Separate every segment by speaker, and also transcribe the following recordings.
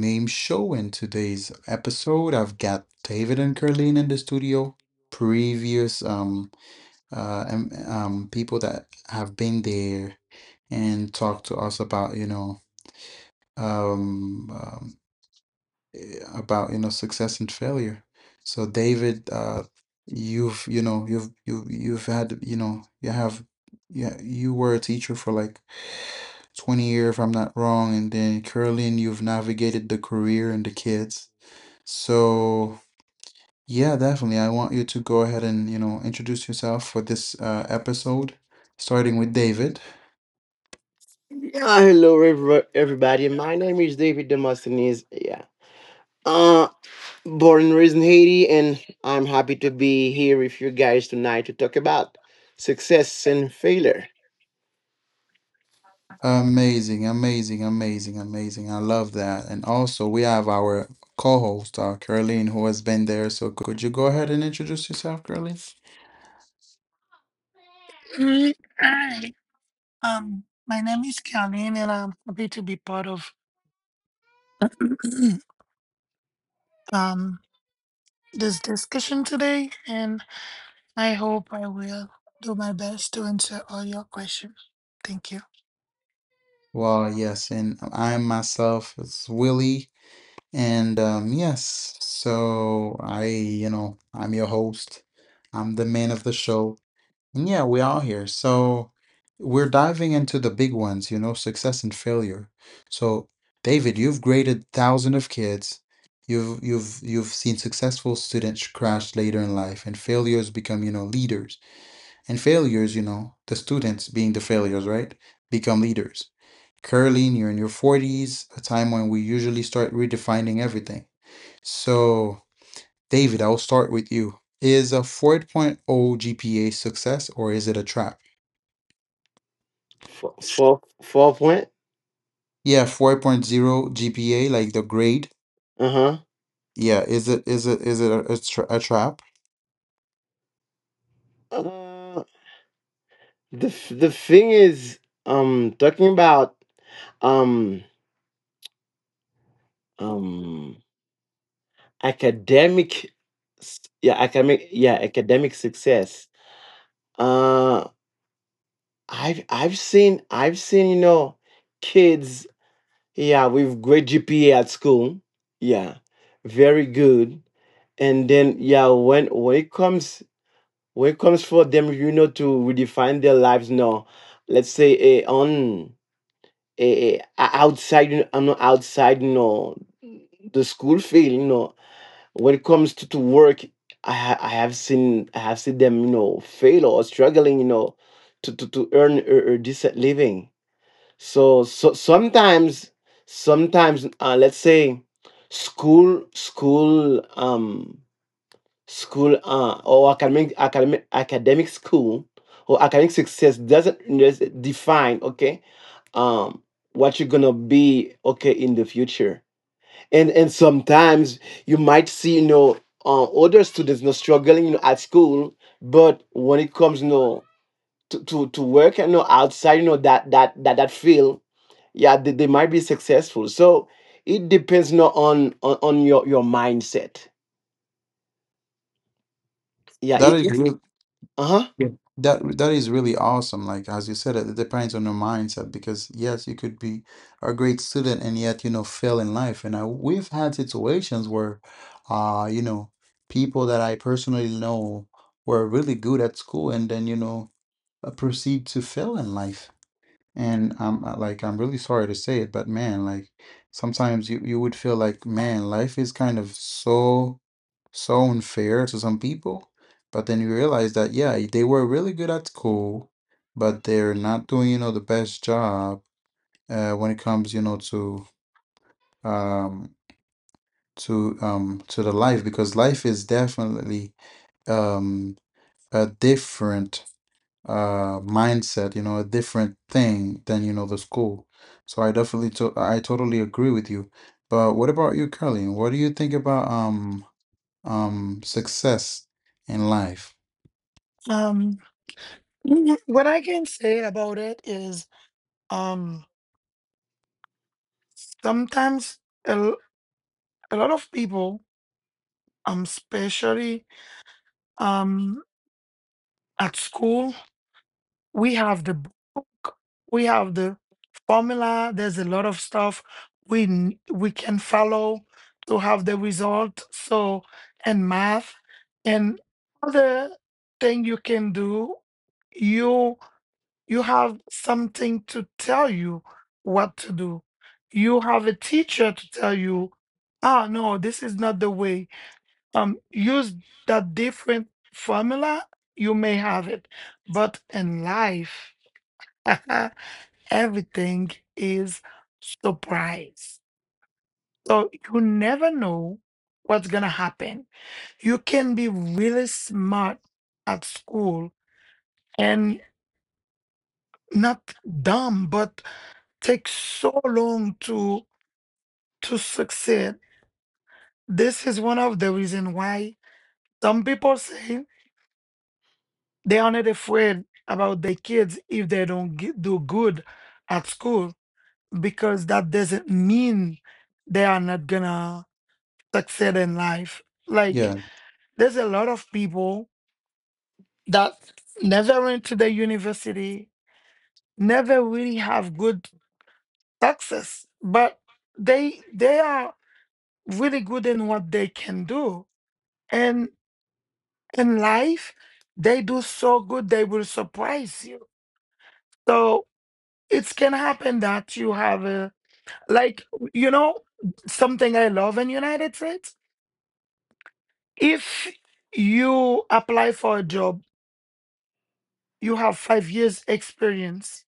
Speaker 1: Name Show. In today's episode, I've got David and Carlene in the studio. Previous people that have been there and talked to us about, you know, um, um about, you know, success and failure. So David, you've, you know, you've had, you know, you have yeah, you were a teacher for like 20-year if I'm not wrong. And then Curlin, you've navigated the career and the kids. So yeah, definitely. I want you to go ahead and, you know, introduce yourself for this episode, starting with David.
Speaker 2: Yeah, hello everybody. My name is David Demosthenes. Yeah. Uh Born and raised in Haiti, and I'm happy to be here with you guys tonight to talk about success and failure.
Speaker 1: Amazing, amazing, amazing, amazing. I love that. And also we have our co-host, Caroline, who has been there. So could you go ahead and introduce yourself, Caroline?
Speaker 3: Mm, Hi, my name is Kalin, and I'm happy to be part of um, this discussion today. And I hope I will do my best to answer all your questions. Thank you.
Speaker 1: Well, yes, and I myself is Willie. And yes, so I, you know, I'm your host. I'm the man of the show. And yeah, we are here. So we're diving into the big ones, you know, success and failure. So David, you've graded thousands of kids. You've seen successful students crash later in life and failures become, you know, leaders. And failures, you know, the students being the failures, right? Become leaders. Curling, you're in your 40s, a time when we usually start redefining everything. So, David, I'll start with you. Is a 4.0 point oh GPA success or is it a trap?
Speaker 2: 444 point.
Speaker 1: Yeah, 4.0 GPA, like the grade.
Speaker 2: Uh-huh.
Speaker 1: Yeah, is it a, a trap?
Speaker 2: Uh the thing is, talking about, um um academic yeah, academic, yeah, academic success. Uh, I've seen, kids, yeah, with great GPA at school, yeah, very good. And then, yeah, when it comes for them, to redefine their lives. No Let's say, outside, I'm not outside, the school field, when it comes to work, I have seen, them fail or struggling, to earn a decent living. So, sometimes, let's say, school, school, um, school, academic school or academic success doesn't define, okay, um, what you're gonna be, okay, in the future. And sometimes you might see, older students, struggling, at school. But when it comes, to work, outside, that field, yeah, they might be successful. So it depends not on your, mindset, yeah.
Speaker 1: That
Speaker 2: it,
Speaker 1: is
Speaker 2: it's uh-huh
Speaker 1: Yeah. That is really awesome. Like as you said, it depends on your mindset because yes, you could be a great student and yet you know fail in life. And we've had situations where, you know, people that I personally know were really good at school and then you know proceed to fail in life. And I'm like, I'm really sorry to say it, but man, like sometimes you would feel like, man, life is kind of so unfair to some people. But then you realize that, yeah, they were really good at school, but they're not doing, you know, the best job when it comes, you know, to um to the life because life is definitely um a different mindset, you know, a different thing than, you know, the school. So I definitely to I totally agree with you. But what about you, Curly? What do you think about success in life?
Speaker 3: Um, Mhm. What I can say about it is um, sometimes a, l- a lot of people, especially um, at school, we have the book, we have the formula. There's a lot of stuff we can follow to have the result. So and math and other thing you can do, you you have something to tell you what to do. You have a teacher to tell you, no, this is not the way. Use that different formula. You may have it, but in life, everything is surprise. So you never know what's going to happen. You can be really smart at school and not dumb, but take so long to succeed. This is one of the reason why some people say they are not afraid about their kids if they don't do good at school because that doesn't mean they are not gonna succeed in life. Like
Speaker 1: Yeah,
Speaker 3: there's a lot of people that never went to the university, never really have good success, but they are really good in what they can do. And in life, they do so good they will surprise you. So it can happen that you have a like, you know something I love in United States. If you apply for a job, you have 5 years experience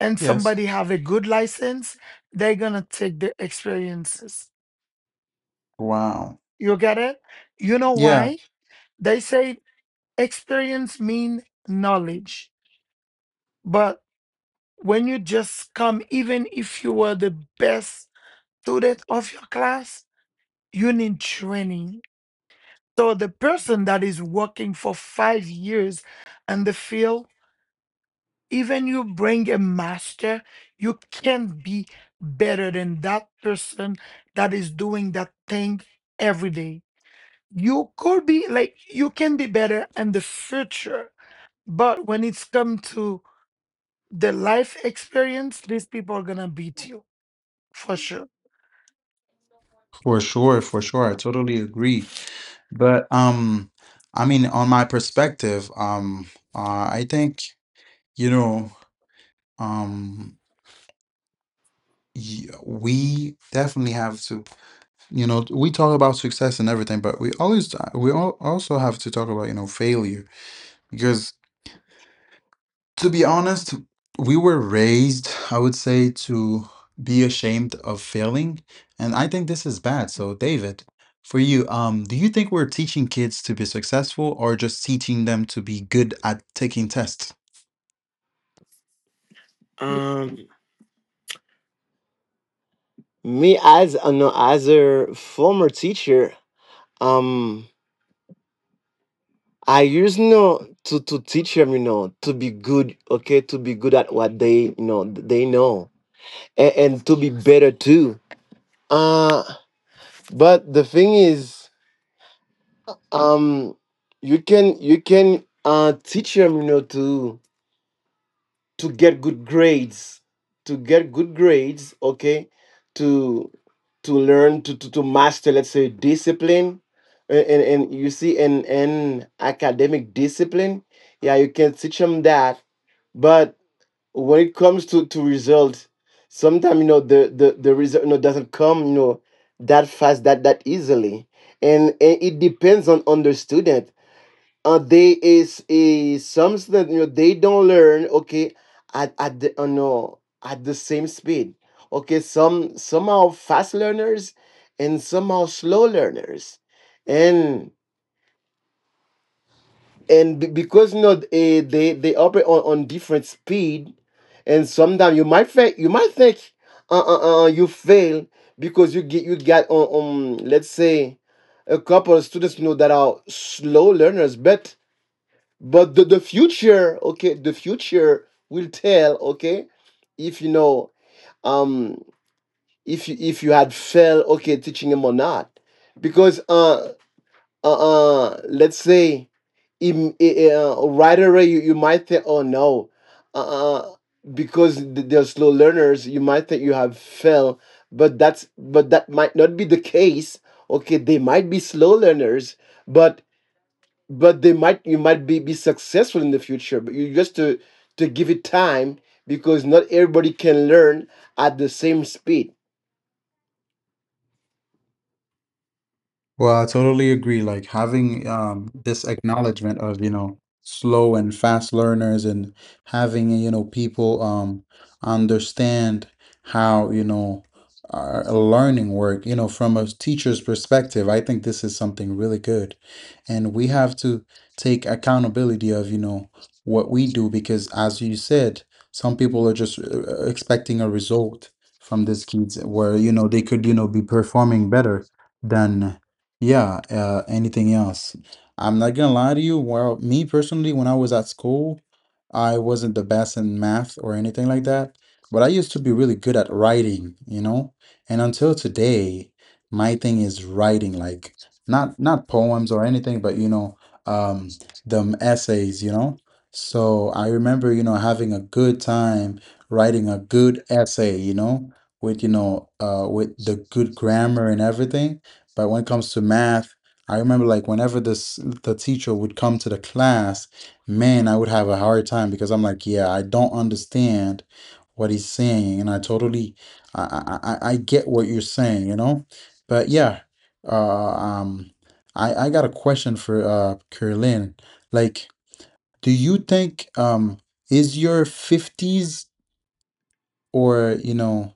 Speaker 3: and
Speaker 1: Yes.
Speaker 3: somebody have a good license, they're gonna take the experiences.
Speaker 1: Wow.
Speaker 3: You get it? You know
Speaker 1: Yeah,
Speaker 3: why? They say experience mean knowledge. But when you just come, even if you were the best student of your class, you need training. So the person that is working for 5 years in the field, even you bring a master, you can't be better than that person that is doing that thing every day. You could be like, you can be better in the future. But when it's come to the life experience, these people are gonna beat you for sure.
Speaker 1: for sure, for sure. I totally agree. But I mean on my perspective, I think, you know, um we definitely have to, you know, we talk about success and everything, but we always we all also have to talk about, you know, failure because, to be honest, we were raised, I would say, to be ashamed of failing, and I think this is bad. So, David, for you, do you think we're teaching kids to be successful or just teaching them to be good at taking tests?
Speaker 2: um me as an as a former teacher. um I used, to teach them, to be good, okay, to be good at what they, they know, and to be better too. uh but the thing is, um you can, teach them, to get good grades, okay, to to learn, to master, let's say, discipline. And you see in academic discipline, yeah, you can teach them that. But when it comes to results, sometimes, the result, doesn't come, that fast, that easily, and it depends on the student. They is something that, they don't learn, okay, at the no at the same speed, okay. Some somehow fast learners and somehow slow learners, and and because, they, they operate on different speed. And sometimes you might think, you fail because you get you got on, let's say, a couple of students, that are slow learners. But the future, okay, the future will tell, okay, if, um if you, had failed, okay, teaching him or not. Because uh, let's say, right away you, you might think, oh no, uh uh, because they're slow learners, you might think you have failed. But that's, but that might not be the case, okay. They might be slow learners, but but they might, you might be successful in the future, but you just to give it time, because not everybody can learn at the same speed,
Speaker 1: Well, I totally agree. Like having this acknowledgement of, you know, slow and fast learners and having, you know, people understand how, you know, our learning work, you know, from a teacher's perspective, I think this is something really good. And we have to take accountability of, you know, what we do because as you said, some people are just expecting a result from these kids where, you know, they could, you know, be performing better than yeah, anything else? I'm not gonna lie to you. Well, me personally, when I was at school, I wasn't the best in math or anything like that, but I used to be really good at writing, you know? And until today, my thing is writing, like not poems or anything, but you know, um, them essays, you know? So I remember, you know, having a good time writing a good essay, you know, with the good grammar and everything. But when it comes to math, I remember like whenever this the teacher would come to the class, man, I would have a hard time because I'm like, yeah, I don't understand what he's saying, and I totally, I get what you're saying, you know. But yeah, uh, um, I got a question for Carolyn. Like, do you think is your fifties or you know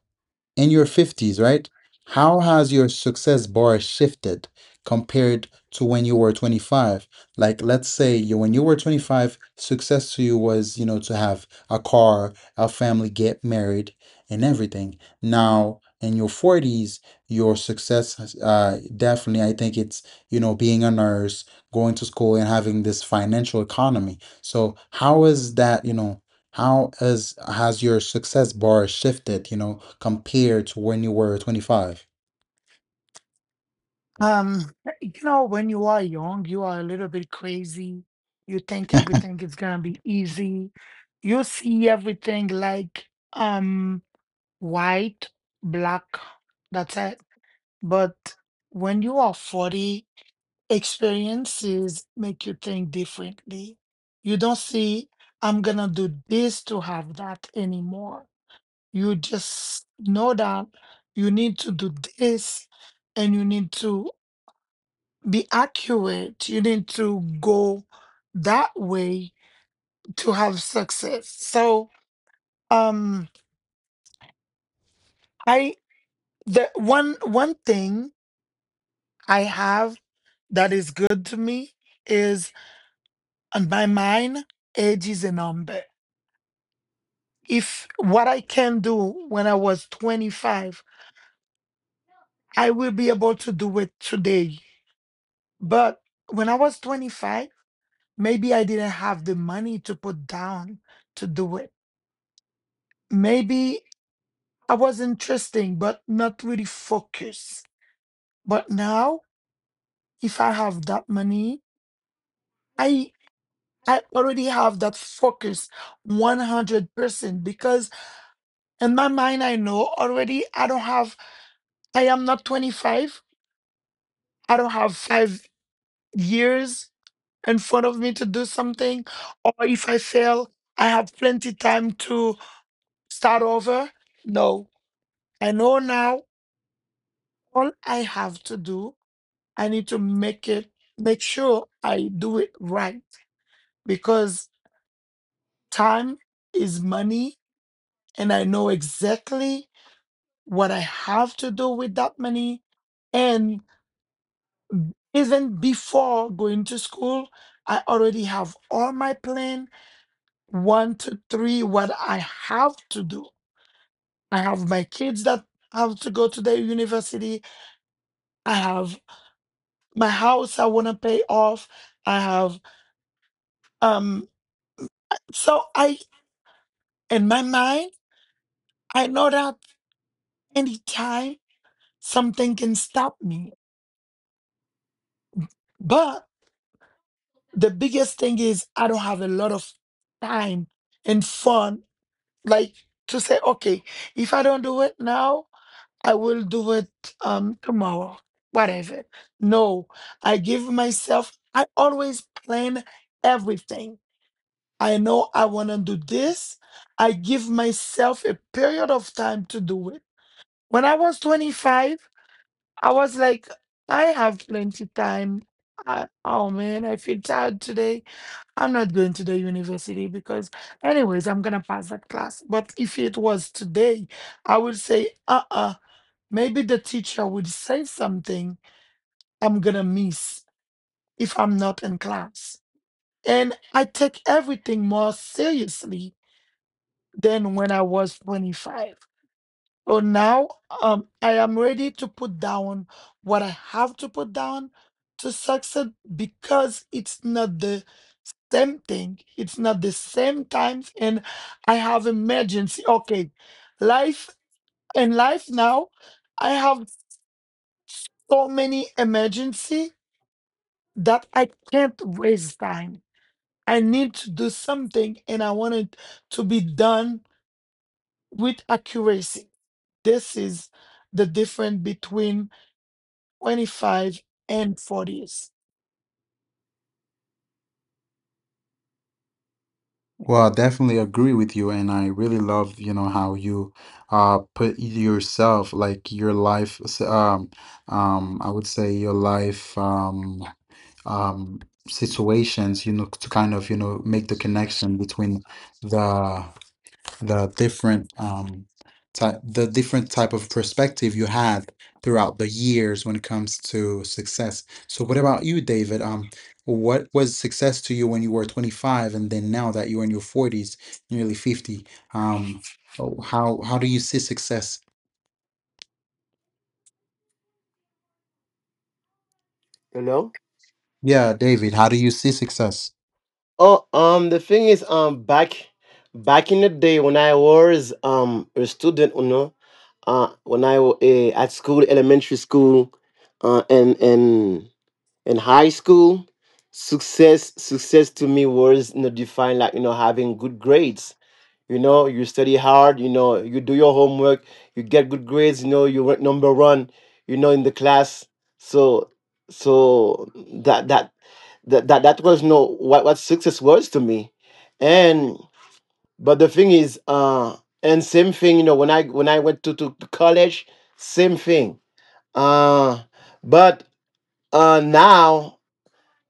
Speaker 1: in your 50s, right? How has your success bar shifted compared to when you were 25? Like, let's say you, when you were 25, success to you was, you know, to have a car, a family, get married, and everything. Now, in your 40s, your success, has, definitely, I think it's, you know, being a nurse, going to school, and having this financial economy. So, how is that, you know? How has your success bar shifted, you know, compared to when you were 25?
Speaker 3: um when you are young, you are a little bit crazy. You think everything is gonna be easy. You see everything like, um white, black, that's it. But when you are 40, experiences make you think differently. You don't see, I'm gonna do this to have that anymore. You just know that you need to do this and you need to be accurate. You need to go that way to have success. So, um, I, the one thing I have that is good to me is, on my mind, age is a number. If what I can do when I was 25, I will be able to do it today. But when I was 25, maybe I didn't have the money to put down to do it. Maybe I was interesting, but not really focused. But now, if I have that money, I I already have that focus 100%. Because in my mind, I know already, I don't have I am not 25, I don't have 5 years in front of me to do something. Or if I fail, I have plenty time to start over. No, I know now, all I have to do, I need to make it, make sure I do it right. Because time is money and I know exactly what I have to do with that money. And even before going to school, I already have all my plan, one to three, what I have to do. I have my kids that have to go to their university. I have my house I want to pay off. I have um so I in my mind, I know that anytime something can stop me. But the biggest thing is I don't have a lot of time and fun like to say, okay, if I don't do it now, I will do it tomorrow, whatever. No, I give myself, I always plan everything. I know I want to do this. I give myself a period of time to do it. When I was 25, I was like, I have plenty time. Oh man, I feel tired today. I'm not going to the university because, anyways, I'm gonna pass that class. But if it was today, I would say, uh-uh, maybe the teacher would say something I'm gonna miss if I'm not in class. And I take everything more seriously than when I was 25. So now, I am ready to put down what I have to put down to succeed because it's not the same thing. It's not the same times, and I have emergency. Okay, life and life now, I have so many emergency that I can't waste time. I need to do something, and I want it to be done with accuracy. This is the difference between 25 and 40s.
Speaker 1: Well, I definitely agree with you, and I really love, you know, how you put yourself like I would say your life um situations, you know, to kind of, you know, make the connection between the the different type the different type of perspective you had throughout the years when it comes to success. So what about you, David? What was success to you when you were 25 and then now that you're in your 40s, nearly 50? Um oh, how do you see success?
Speaker 2: you know.
Speaker 1: Yeah, David, how do you see success?
Speaker 2: Oh, the thing is, back in the day when I was, a student, you know. When I was, at school, elementary school, and in high school, success, success to me was, you know, defined like, you know, having good grades. You know, you study hard, you know, you do your homework, you get good grades, you know, you were number one, you know, in the class. So so that was, no what, what success was to me. And but the thing is, and same thing, you know, when I went to college, same thing, uh but, now,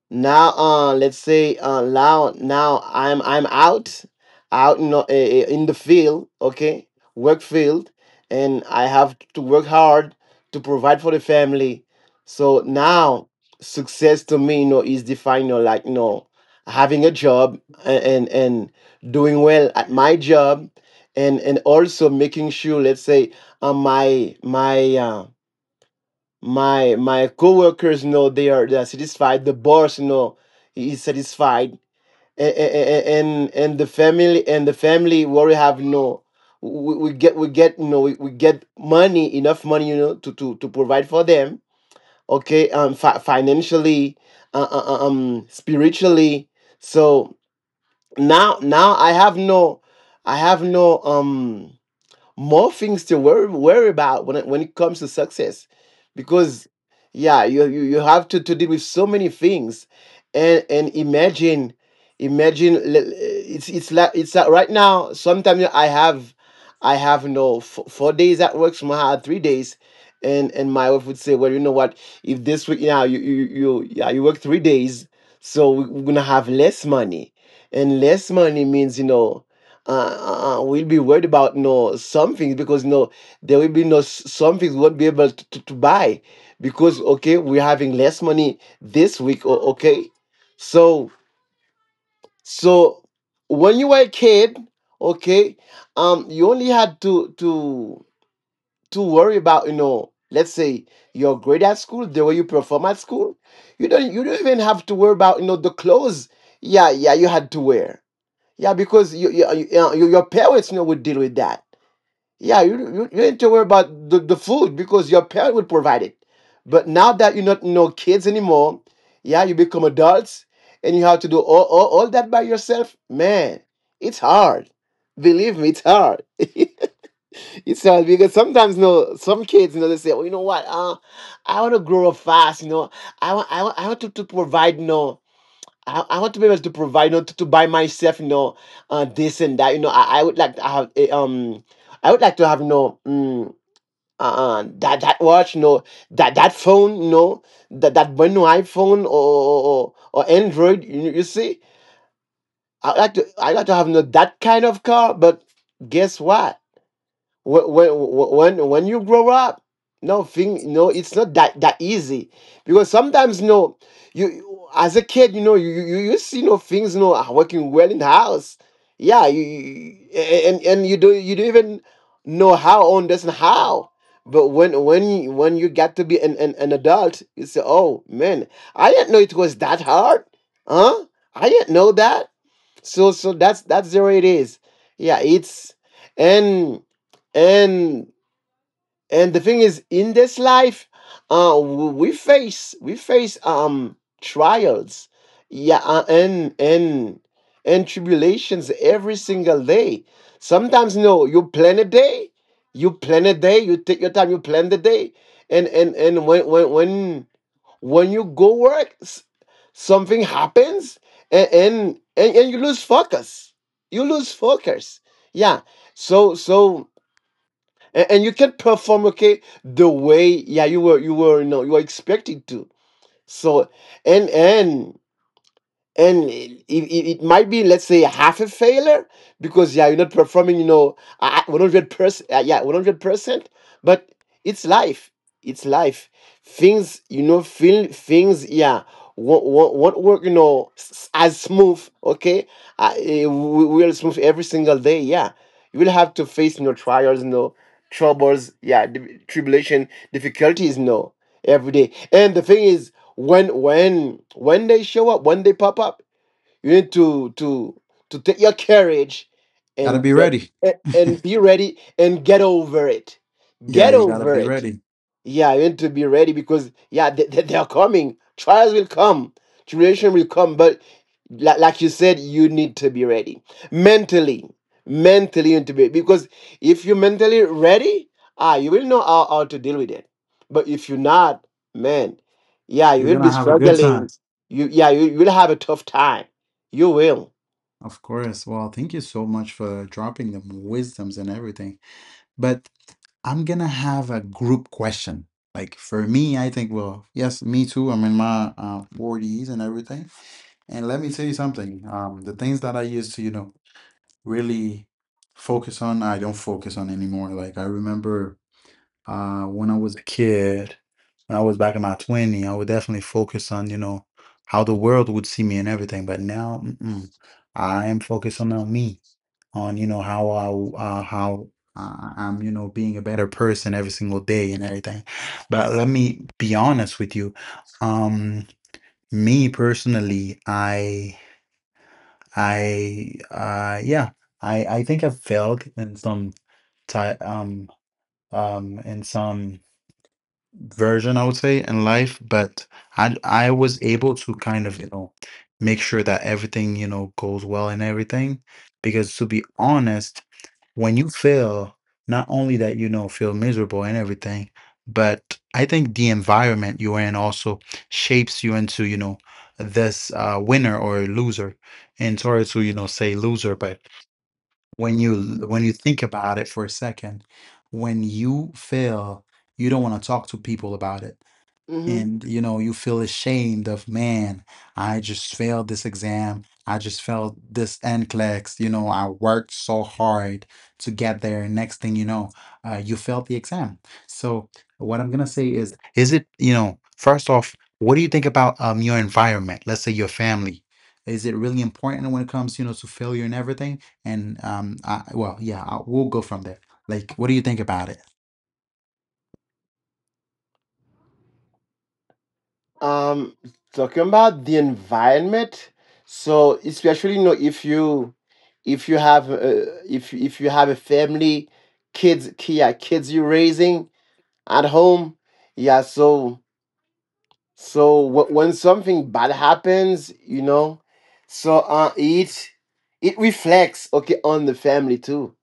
Speaker 2: let's say, now, now I'm, out in the field, okay, work field, and I have to work hard to provide for the family. So now, success to me, you know, is defined, you know, like, you know, having a job, and doing well at my job, and also making sure, let's say, my, my coworkers know they are, they are satisfied, the boss know he is satisfied, and the family, what we have, know, we, we get, you know, we get money, enough money, you know, to provide for them, okay, financially, spiritually. So now, I have no, i have no um more things to worry, about when when it comes to success, because, yeah, you, you have to deal with so many things, and imagine, it's, it's like right now. Sometimes I have, I have no 4 days at work. Somehow I had 3 days. And my wife would say, well, you know what? If this week, yeah, you work 3 days, so we're gonna have less money, and less money means, you know, uh, we'll be worried about, something, because, there will be, no some things we won't be able to buy, because, okay, we're having less money this week, okay. So, so when you were a kid, okay, you only had to worry about, you know, let's say, your grade at school, the way you perform at school. You don't, you don't even have to worry about, you know, the clothes, yeah, yeah, you had to wear, yeah, because you, your parents, you know, would deal with that, yeah. You, you need to worry about the food, because your parent would provide it. But now that you're not, no kids anymore, yeah, you become adults, and you have to do all, that by yourself. Man, it's hard. Believe me, it's hard. It's hard, because sometimes, you know, some kids, you know, they say, well, you know what, I want to grow up fast, you know, I want, I want to provide. You know, I want to be able to provide, you know, to buy myself, you know, this and that. You know, I would like to have, I would like to have, you know, that watch, you know, that phone, you know, that brand new iPhone, or, Android. You see, I would like to, I would like to have, you know, that kind of car. But guess what? Wh- when when you grow up, no it's not that, easy. Because sometimes, no, you, as a kid, you know, you, you see, things, no are working well in the house, yeah, you, and you do, you don't even know how on this and how. But when you get to be an, an adult, you say, oh man, I didn't know it was that hard, huh? I didn't know that. So, that's the way it is, yeah. It's, and and and the thing is, in this life, uh we face, trials, yeah, and and tribulations, every single day. Sometimes, no, you plan a day, you take your time, you plan the day. And when, you go work, something happens, and and, and you lose focus. You lose focus. Yeah. So, and you can not perform, okay, the way, yeah, you were, you know, you were expected to. So, and and and it might be, let's say, half a failure, because, yeah, you're not performing, you know, 100 percent, yeah, 100 percent. But it's life, it's life things, you know, feel things, yeah, won't, won't work, you know, as smooth, okay, eh, we will smooth, every single day. Yeah, you will have to face, you know, trials, you know, troubles, yeah, tribulation, difficulties, no every day. And the thing is, when they show up, when they pop up, you need to take your courage,
Speaker 1: Gotta
Speaker 2: and
Speaker 1: be
Speaker 2: get
Speaker 1: ready.
Speaker 2: and be ready, and get over it,
Speaker 1: Yeah,
Speaker 2: get
Speaker 1: you gotta
Speaker 2: over
Speaker 1: be
Speaker 2: it.
Speaker 1: ready.
Speaker 2: Yeah, you need to be ready, because, yeah, they, they are coming. Trials will come, tribulation will come, but like you said, you need to be ready mentally. Mentally, you need to be. Because if you're mentally ready, ah, you will know how to deal with it. But if you're not, man, yeah, you
Speaker 1: You're
Speaker 2: will
Speaker 1: gonna
Speaker 2: be
Speaker 1: have a good
Speaker 2: struggling.
Speaker 1: time.
Speaker 2: You, yeah, you will have a tough time. You will.
Speaker 1: Of course. Well, thank you so much for dropping them wisdoms and everything. But I'm gonna have a group question. Like for me, I think, well, yes, me too. I'm in my 40s and everything. And let me tell you something. The things that I used to, you know, really focus on, I don't focus on anymore. Like I remember when I was a kid, when I was back in my 20, I would definitely focus on, you know, how the world would see me and everything. But now, mm-mm, I am focusing on me, on, you know, how I, how I'm, you know, being a better person every single day and everything. But let me be honest with you. Um, me personally, yeah, I think I failed in some, ti in some version I would say in life but I was able to kind of you know make sure that everything you know goes well and everything because to be honest when you fail not only that you know feel miserable and everything but I think the environment you're in also shapes you into you know this winner or loser and sorry to you know say loser but when you think about it for a second when you fail you don't want to talk to people about it
Speaker 2: Mhm.
Speaker 1: and you know you feel ashamed of man I just failed this exam I just failed this NCLEX you know I worked so hard to get there next thing you know you failed the exam so what I'm gonna say is it you know first off what do you think about your environment let's say your family is it really important when it comes you know to failure and everything and I, well yeah I, we'll go from there like, what do you think about it?
Speaker 2: Um, Talking about the environment. So especially, you know, if you, if you have, if you have a family, kids, yeah, kids you're raising at home, yeah. So, when something bad happens, you know, so, it reflects, okay, on the family too.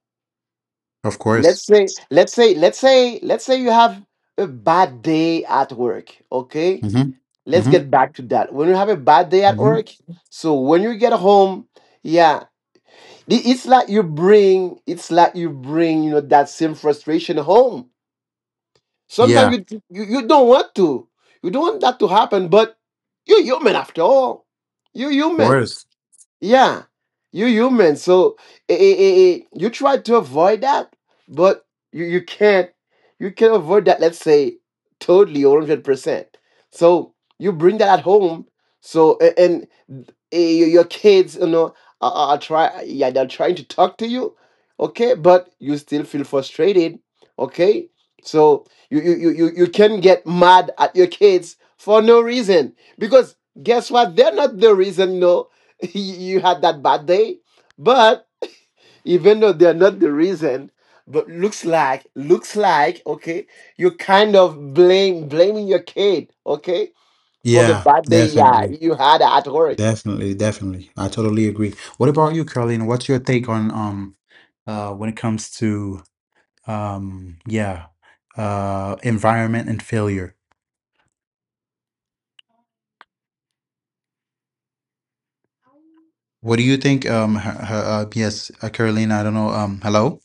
Speaker 1: Of course.
Speaker 2: Let's say, you have a bad day at work, okay,
Speaker 1: Mm-hmm.
Speaker 2: let's
Speaker 1: Mm-hmm.
Speaker 2: get back to that. When you have a bad day at
Speaker 1: Mm-hmm.
Speaker 2: work, so when you get home, yeah, it's like you bring, it's like you bring, you know, that same frustration home.
Speaker 1: Yeah,
Speaker 2: Sometimes you, you don't want to, you don't want that to happen, but you're human after all. You're
Speaker 1: of
Speaker 2: human.
Speaker 1: course.
Speaker 2: Yeah, you human. So you try to avoid that, but you can't you can not avoid that. Let's say totally or 100%. So you bring that at home. So, your, kids, you know, are, are try yeah, they're trying to talk to you, okay, but you still feel frustrated, okay. So you can get mad at your kids for no reason, because guess what? They're not the reason, no. You had that bad day. But even though they're not the reason, but looks like, okay, you kind of blame, blaming your kid, okay, for the
Speaker 1: Yeah,
Speaker 2: bad day, yeah,
Speaker 1: definitely.
Speaker 2: you had at work.
Speaker 1: Definitely, definitely. I totally agree. What about you, Caroline? What's your take on when it comes to yeah, environment and failure? What do you think yes, Caroline, I don't know. Hello?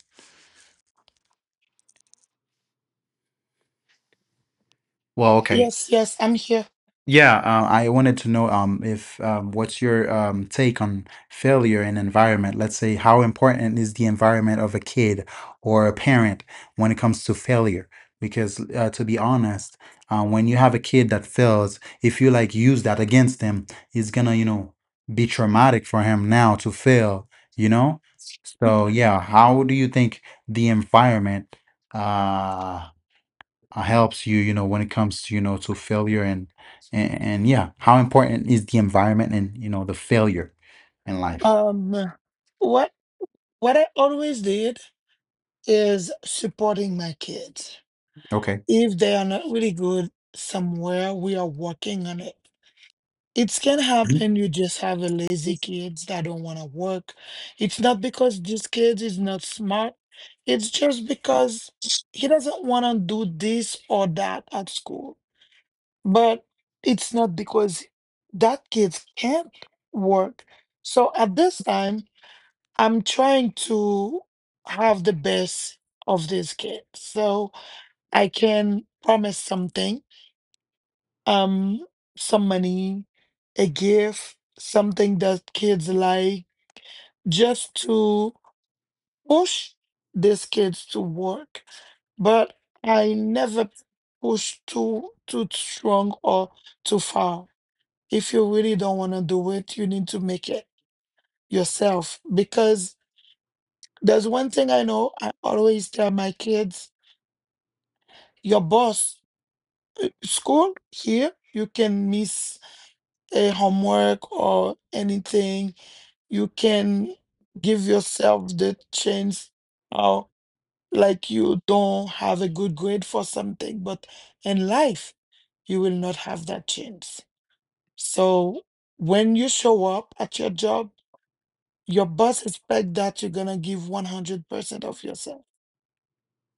Speaker 1: Well, okay.
Speaker 3: Yes, yes, I'm here.
Speaker 1: Yeah, I wanted to know if what's your take on failure in environment? Let's say, how important is the environment of a kid or a parent when it comes to failure? Because to be honest, when you have a kid that fails, if you like use that against him, it's gonna, you know, be traumatic for him now to fail, you know? So yeah, how do you think the environment uh, helps you you know when it comes to you know to failure and, yeah how important is the environment and you know the failure in life
Speaker 3: Um, what what I always did is supporting my kids.
Speaker 1: okay.
Speaker 3: If they are not really good somewhere, we are working on it. It can happen. You just have a lazy kids that don't want to work. It's not because this kid is not smart. It's just because he doesn't want to do this or that at school. But it's not because that kid can't work. So at this time, I'm trying to have the best of this kid. So I can promise something, um, some money, a gift, something that kids like, just to push these kids to work. But I never push too strong or too far. If you really don't want to do it, you need to make it yourself because there's one thing I know, I always tell my kids, your boss, school here, you can miss a homework or anything. You can give yourself the chance or like you don't have a good grade for something, but in life, you will not have that chance. So when you show up at your job, your boss expect that you're gonna give 100% of yourself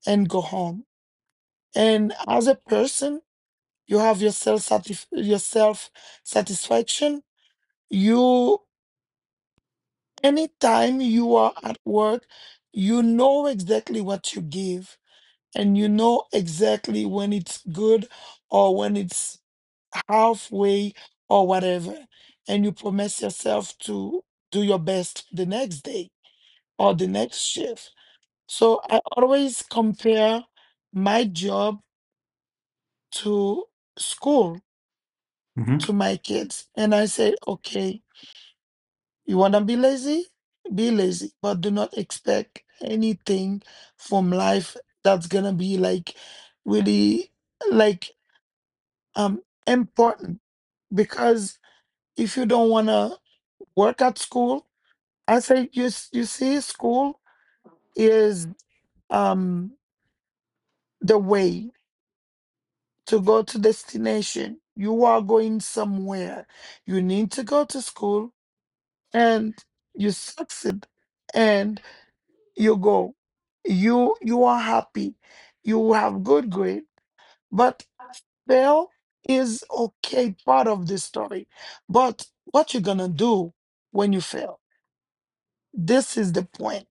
Speaker 3: and go home. And as a person, you have your self satisfaction. You anytime you are at work, you know exactly what you give, and you know exactly when it's good or when it's halfway or whatever. And you promise yourself to do your best the next day or the next shift. So I always compare my job to school
Speaker 1: Mhm.
Speaker 3: to my kids and I say, okay, you want to be lazy? Be lazy, but do not expect anything from life that's going to be like really like um important. Because if you don't want to work at school, I say you see school is um the way to go to destination. You are going somewhere. You need to go to school and you succeed and you go, you are happy, you have good grade. But fail is okay, part of the story. But what you're gonna do when you fail, this is the point.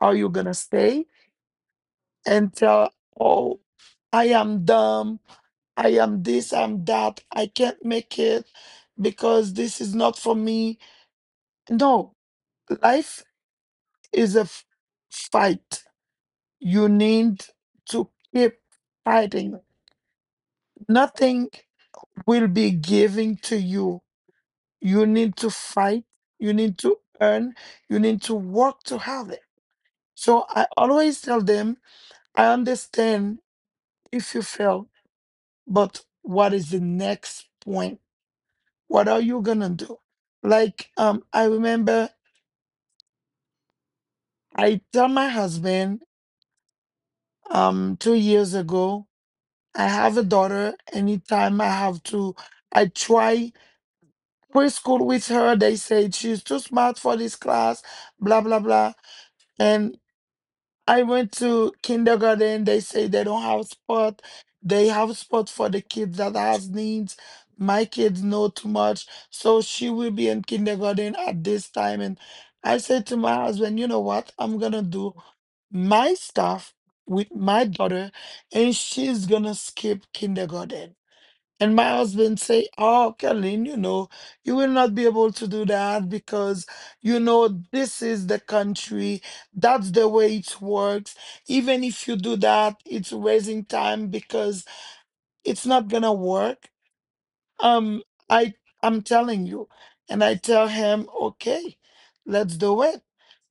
Speaker 3: Are you gonna stay and tell, oh, I am dumb, I am this, I'm that, I can't make it because this is not for me? No, life is a fight. You need to keep fighting. Nothing will be given to you. You need to fight, you need to earn, you need to work to have it. So I always tell them, I understand if you fail, but what is the next point? What are you gonna do? Like I remember I tell my husband 2 years ago, I have a daughter. Anytime I have to, I try preschool with her. They said she's too smart for this class, blah blah blah. And I went to kindergarten. They say they don't have spot. They have spot for the kids that has needs. My kids know too much, so she will be in kindergarten at this time. And I said to my husband, you know what? I'm gonna do my stuff with my daughter, and she's gonna skip kindergarten. And my husband say, "Oh, Kathleen, you will not be able to do that because this is the country. That's the way it works. Even if you do that, it's wasting time because it's not gonna work." Um, I I'm telling you, and I tell him, "Okay, let's do it.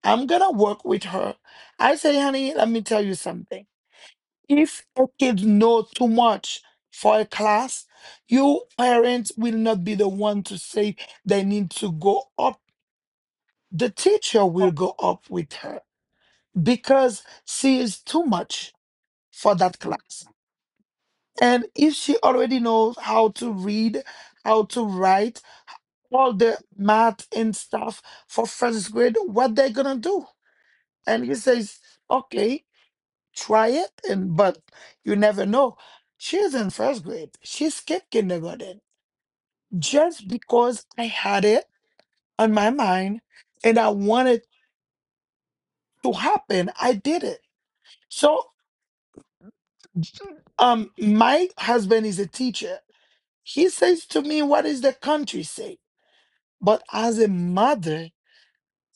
Speaker 3: I'm gonna work with her." I say, "Honey, let me tell you something. If a kid knows too much for a class, you parents will not be the one to say they need to go up. The teacher will go up with her because she is too much for that class. And if she already knows how to read, how to write, all the math and stuff for first grade, what they're gonna do?" And he says, okay, try it. And but you never know, she's in first grade. She skipped kindergarten just because I had it on my mind and I wanted to happen. I did it. So my husband is a teacher. He says to me, what is the country say? But as a mother,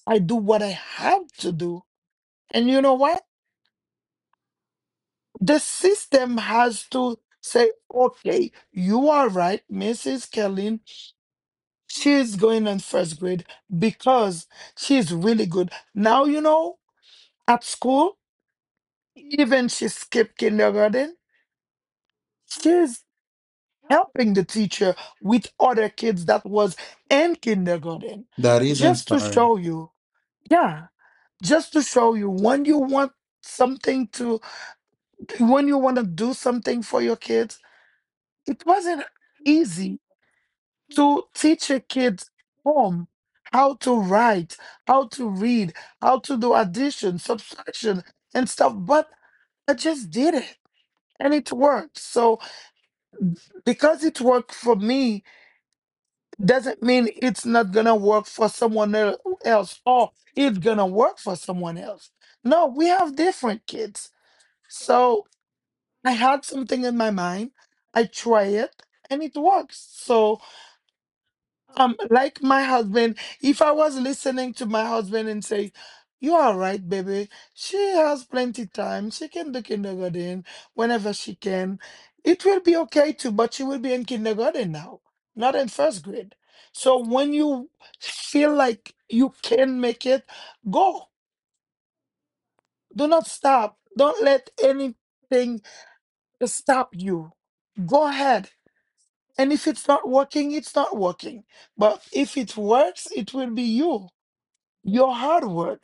Speaker 3: I do what I have to do. And you know what the system has to say? Okay, you are right, Mrs. Kelly. She's going in first grade because she's really good. Now, at school, even she skipped kindergarten, she's helping the teacher with other kids that was in kindergarten.
Speaker 1: That is
Speaker 3: Just to
Speaker 1: inspiring
Speaker 3: show you, yeah, just to show you something to, when you want to do something for your kids, it wasn't easy to teach your kids home how to write, how to read, how to do addition, subtraction, and stuff. But I just did it and it worked. So because it worked for me doesn't mean it's not gonna work for someone else or it's gonna work for someone else. No, we have different kids. So I had something in my mind. I try it and it works. So, like my husband, if I was listening to my husband and say, "You are right, baby. She has plenty time. She can do kindergarten whenever she can." It will be okay too, but she will be in kindergarten now, not in first grade. So when you feel like you can make it, go. Do not stop. Don't let anything stop you. Go ahead. And if it's not working, it's not working. But if it works, it will be you. Your hard work,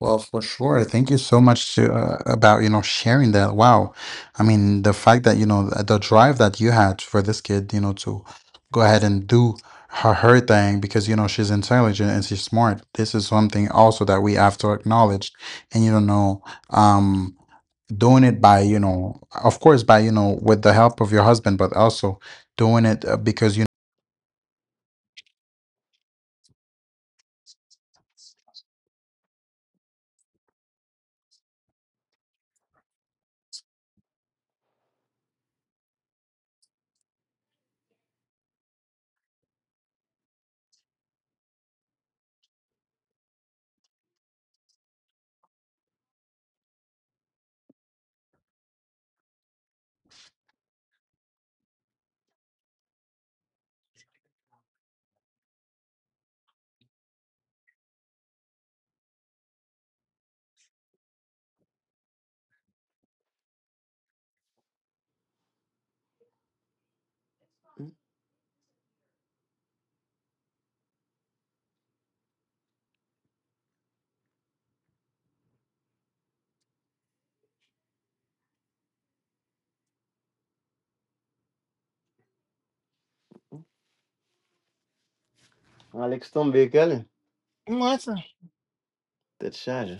Speaker 1: well for sure thank you so much to, about you know sharing that wow I mean the fact that you know the drive that you had for this kid you know to go ahead and do her thing because you know she's intelligent and she's smart this is something also that we have to acknowledge and you don't know um doing it by you know of course by you know with the help of your husband but also doing it because you
Speaker 2: Alex Tom Bekele,
Speaker 3: listen,
Speaker 2: tête charge.